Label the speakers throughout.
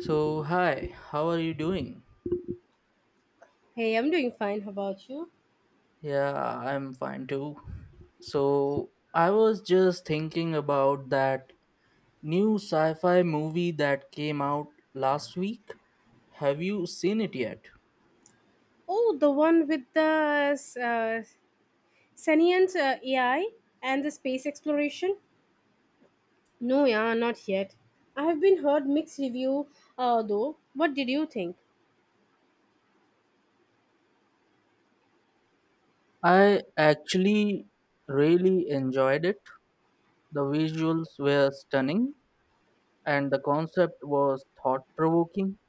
Speaker 1: So, hi, how are you doing?
Speaker 2: Hey, I'm doing fine. How about you?
Speaker 1: Yeah, I'm fine too. So, I was just thinking about that new sci fi movie that came out last week. Have you seen it yet?
Speaker 2: Oh, the one with the uh, sentient AI and the space exploration? No, yeah, not yet. I have been heard mixed review though. What did you think?
Speaker 1: I actually really enjoyed it. The visuals were stunning and the concept was thought provoking.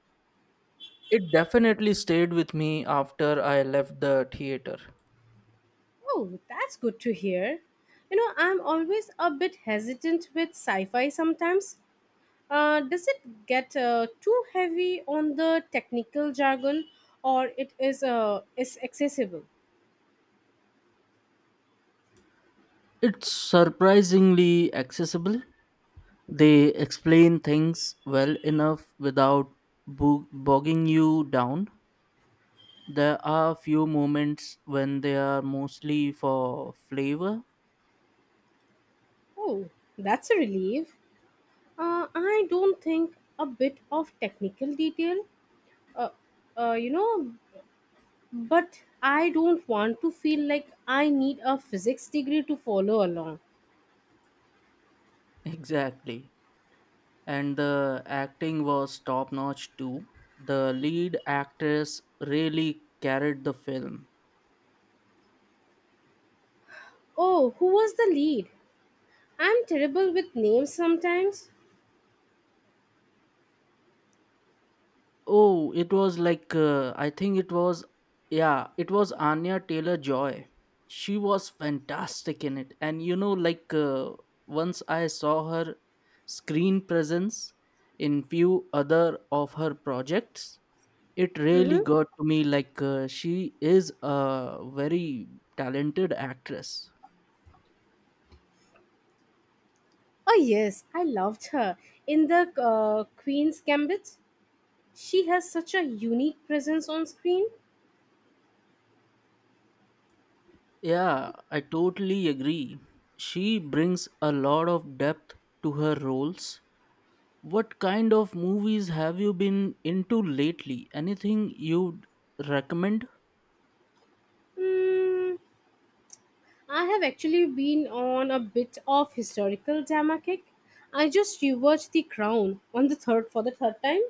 Speaker 1: It definitely stayed with me after I left the theater.
Speaker 2: Oh, that's good to hear. You know, I'm always a bit hesitant with sci-fi sometimes. Does it get too heavy on the technical jargon, or it is accessible?
Speaker 1: It's surprisingly accessible. They explain things well enough without bogging you down. There are few moments when they are mostly for flavor.
Speaker 2: Oh, that's a relief. I don't think a bit of technical detail, uh, you know, but I don't want to feel like I need a physics degree to follow along.
Speaker 1: Exactly. And the acting was top notch too. The lead actress really carried the film.
Speaker 2: Oh, who was the lead? I'm terrible with names sometimes.
Speaker 1: Oh, it was like I think it was yeah, it was Anya Taylor Joy. She was fantastic in it, and once I saw her screen presence in few other of her projects, it really
Speaker 2: Mm-hmm.
Speaker 1: got to me. She is a very talented actress.
Speaker 2: Oh, yes, I loved her. In the Queen's Gambit, she has such a unique presence on screen.
Speaker 1: Yeah, I totally agree. She brings a lot of depth to her roles. What kind of movies have you been into lately? Anything you'd recommend?
Speaker 2: Mm, I have actually been on a bit of historical drama kick. I just rewatched The Crown on the third time.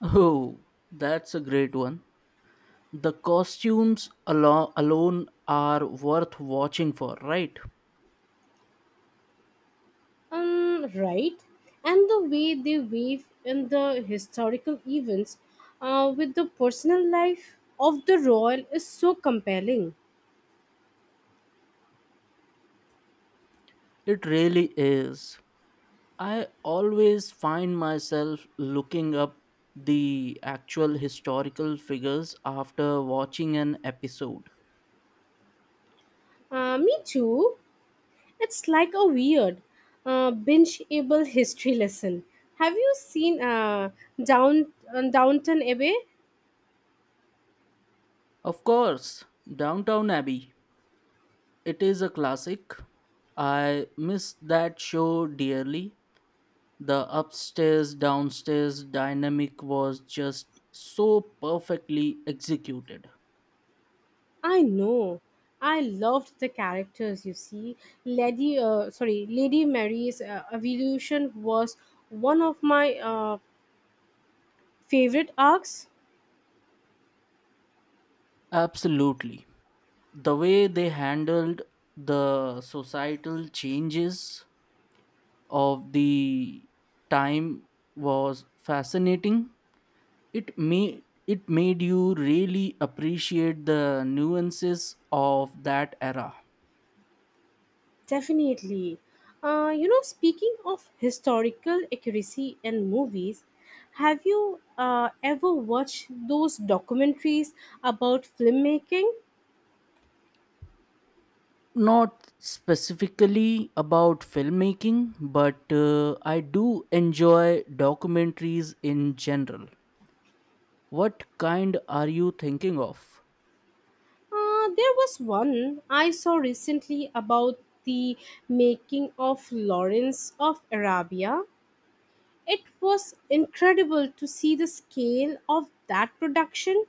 Speaker 1: Oh, that's a great one. The costumes alone are worth watching for, right?
Speaker 2: Right, and the way they weave in the historical events, with the personal life of the royal is so compelling.
Speaker 1: It really is. I always find myself looking up the actual historical figures after watching an episode.
Speaker 2: Me too. It's like a weird, binge-able history lesson. Have you seen Downton Abbey?
Speaker 1: Of course, Downtown Abbey. It is a classic. I miss that show dearly. The upstairs downstairs dynamic was just so perfectly executed.
Speaker 2: I know. I loved the characters. You see, Lady Mary's evolution was one of my favorite arcs.
Speaker 1: Absolutely. The way they handled the societal changes of the time was fascinating. It made you really appreciate the nuances of that era.
Speaker 2: Definitely. You know, speaking of historical accuracy in movies, have you ever watched those documentaries about filmmaking?
Speaker 1: Not specifically about filmmaking, but I do enjoy documentaries in general. What kind are you thinking of?
Speaker 2: There was one I saw recently about the making of Lawrence of Arabia. It was incredible to see the scale of that production.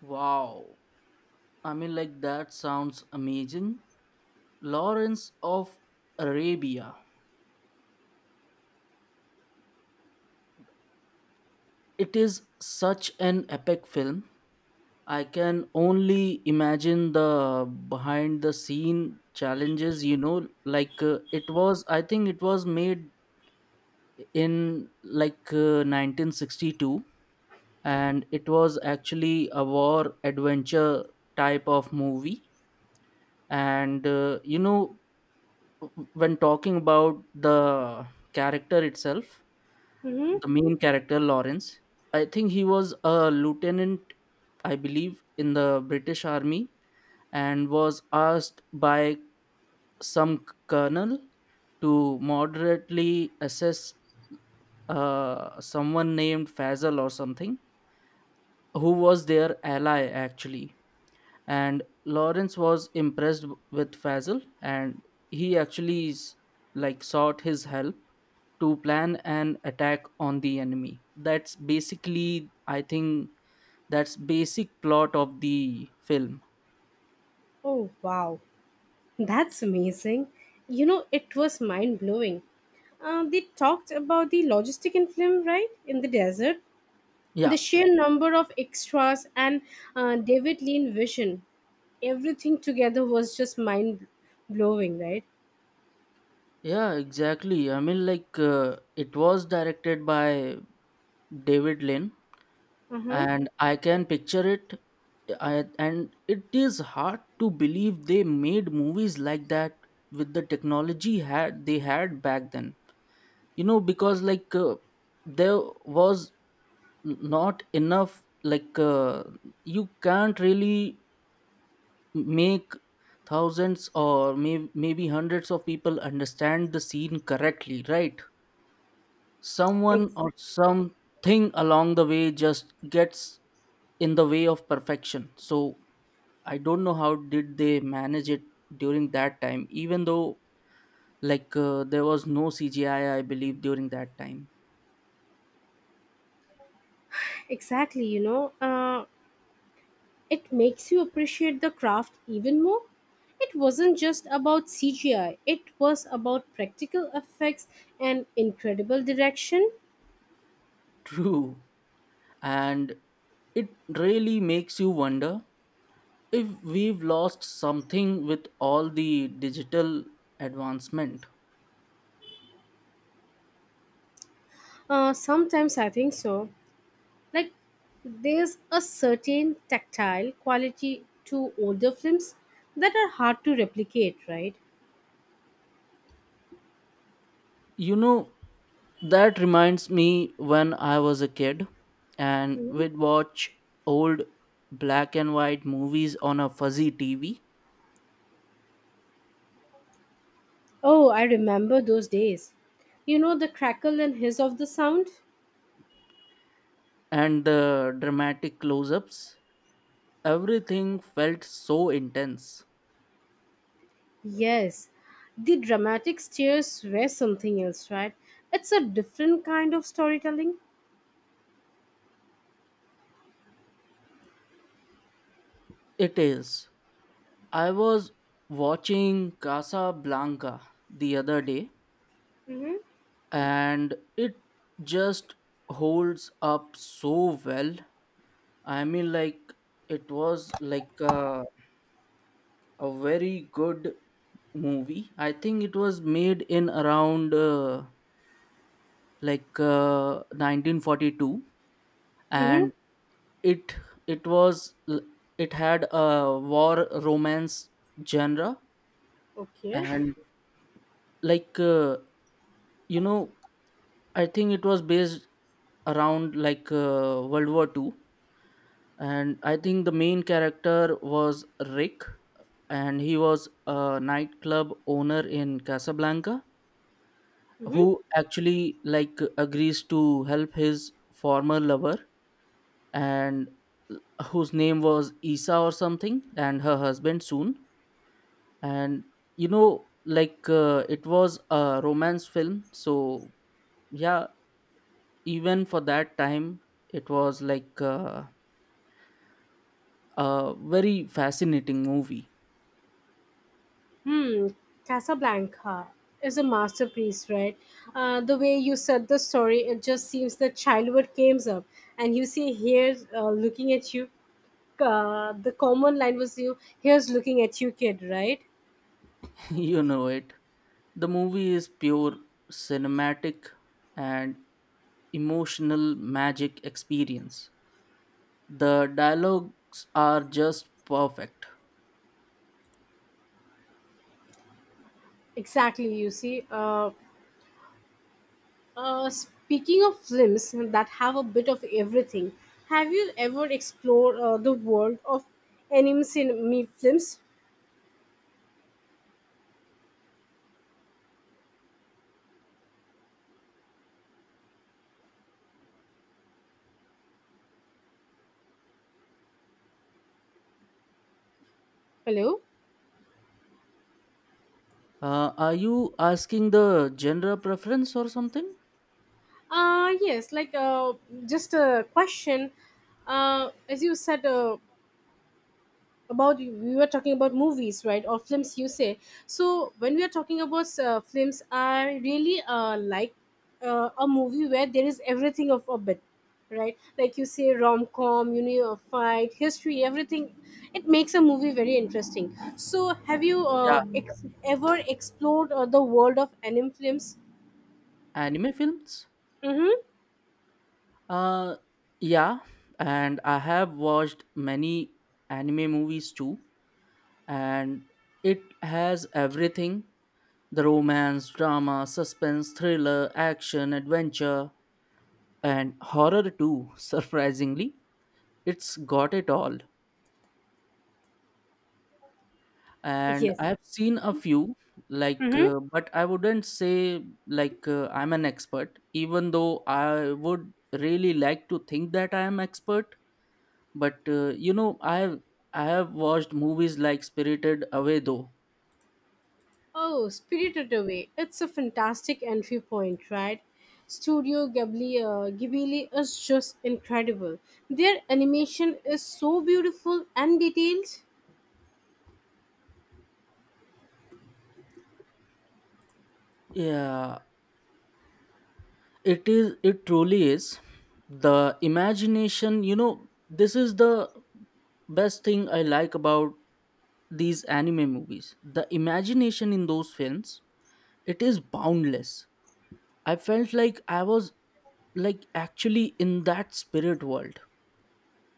Speaker 1: Wow, I mean, that sounds amazing. Lawrence of Arabia. It is such an epic film. I can only imagine the behind the scene challenges, it was, I think it was made in 1962, and it was actually a war adventure type of movie. And when talking about the character itself,
Speaker 2: Hmm.
Speaker 1: the main character Lawrence, I think he was a lieutenant, I believe, in the British Army, and was asked by some colonel to moderately assess someone named Fazal or something, who was their ally actually. And Lawrence was impressed with Fazal, and he actually sought his help to plan an attack on the enemy. That's basically, I think, that's basic plot of the film.
Speaker 2: Oh, wow. That's amazing. You know, it was mind blowing. They talked about the logistic in film, right? In the desert, the
Speaker 1: Yeah,
Speaker 2: sheer number of extras and David Lean vision. Everything together was just mind blowing, right?
Speaker 1: yeah, exactly. I mean, it was directed by David Lynn,
Speaker 2: Uh-huh.
Speaker 1: and I can picture it. And it is hard to believe they made movies like that with the technology had they had back then, you know, because there was not enough. You can't really make thousands or maybe hundreds of people understand the scene correctly, right? Someone
Speaker 2: Ex-
Speaker 1: or something along the way just gets in the way of perfection. So I don't know how did they manage it during that time, even though there was no CGI, I believe, during that time.
Speaker 2: exactly, you know. It makes you appreciate the craft even more. It wasn't just about CGI, it was about practical effects and incredible direction.
Speaker 1: True, and it really makes you wonder if we've lost something with all the digital advancement.
Speaker 2: Sometimes I think so. Like, there's a certain tactile quality to older films that are hard to replicate, right?
Speaker 1: You know, that reminds me when I was a kid and we'd watch old black and white movies on a fuzzy TV
Speaker 2: Oh, I remember those days. You know the crackle and hiss of the sound?
Speaker 1: and the dramatic close ups. Everything felt so intense.
Speaker 2: Yes, the dramatic stairs were something else, right? It's a different kind of storytelling.
Speaker 1: It is. I was watching Casablanca the other day and it just holds up so well. I mean, like, it was like a very good movie. I think it was made in around 1942,
Speaker 2: Mm-hmm.
Speaker 1: and it it it had a war romance genre,
Speaker 2: Okay.
Speaker 1: and like uh, you know, I think it was based around World War Two, and I think the main character was Rick, and he was a nightclub owner in Casablanca
Speaker 2: Mm-hmm.
Speaker 1: who actually like agrees to help his former lover, and whose name was Isa or something, and her husband soon. And it was a romance film, so yeah, even for that time it was a very fascinating movie.
Speaker 2: Hmm. Casablanca is a masterpiece, right? The way you said the story, it just seems the childhood came up, and you see here looking at you. The common line was you here's looking at you, kid, right?
Speaker 1: you know it the movie is pure cinematic and emotional magic experience. The dialogues are just perfect.
Speaker 2: Exactly. You see, speaking of films that have a bit of everything, have you ever explored the world of anime cinema films? Hello.
Speaker 1: Are you asking the genre preference or something?
Speaker 2: Yes, just a question. As you said, about we were talking about movies, right, or films you say. So when we are talking about films, I really like a movie where there is everything of a bit, right? Like you say rom-com, you know, a fight, history, everything. It makes a movie very interesting. So have you
Speaker 1: Yeah,
Speaker 2: ever explored the world of anime films?
Speaker 1: anime films?
Speaker 2: Mm-hmm.
Speaker 1: Uh, yeah, and I have watched many anime movies too, and it has everything: the romance, drama, suspense, thriller, action, adventure, and horror too, surprisingly. It's got it all. And I
Speaker 2: Yes.
Speaker 1: have seen a few,
Speaker 2: Mm-hmm.
Speaker 1: but I wouldn't say I'm an expert, even though I would really like to think that I am expert. But I have watched movies like Spirited Away though.
Speaker 2: Oh, Spirited Away. It's a fantastic entry point, right? Studio Ghibli, Ghibli is just incredible. Their animation is so beautiful and detailed.
Speaker 1: Yeah, it truly is. The imagination, you know, this is the best thing I like about these anime movies. The imagination in those films, it is boundless. I felt like I was like actually in that spirit world.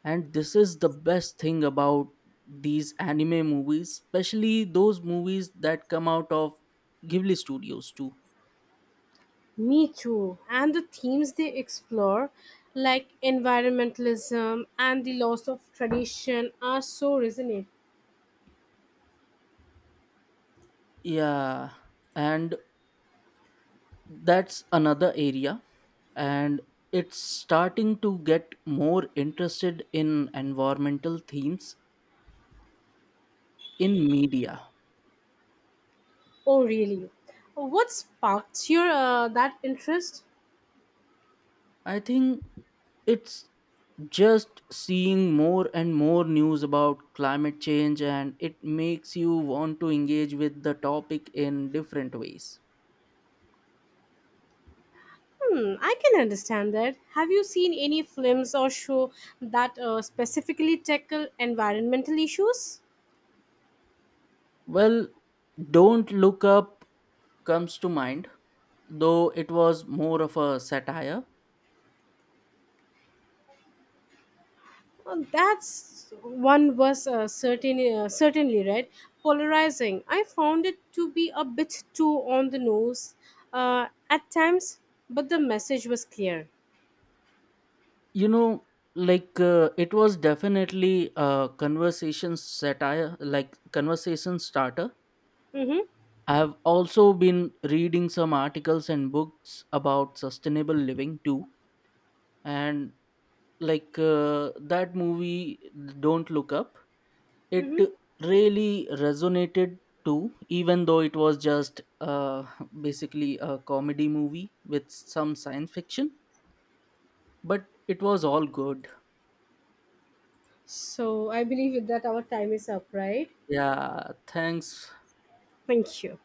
Speaker 1: And this is the best thing about these anime movies, especially those movies that come out of Ghibli Studios too.
Speaker 2: Me too. And the themes they explore, like environmentalism and the loss of tradition, are so resonant.
Speaker 1: Yeah. And that's another area, and it's starting to get more interested in environmental themes in media.
Speaker 2: Oh, really? What sparked your that interest?
Speaker 1: I think it's just seeing more and more news about climate change, and it makes you want to engage with the topic in different ways.
Speaker 2: Hmm, I can understand that. Have you seen any films or show that specifically tackle environmental issues?
Speaker 1: Well, Don't Look Up comes to mind, though it was more of a satire.
Speaker 2: That's one was certainly right. Polarizing. I found it to be a bit too on the nose at times, but the message was clear.
Speaker 1: You know, it was definitely a conversation satire, like conversation starter.
Speaker 2: Mm-hmm,
Speaker 1: I have also been reading some articles and books about sustainable living too, and that movie Don't Look Up, it
Speaker 2: mm-hmm.
Speaker 1: really resonated too, even though it was just basically a comedy movie with some science fiction, but it was all good.
Speaker 2: So I believe with that our time is up, right?
Speaker 1: Yeah, thanks.
Speaker 2: Thank you.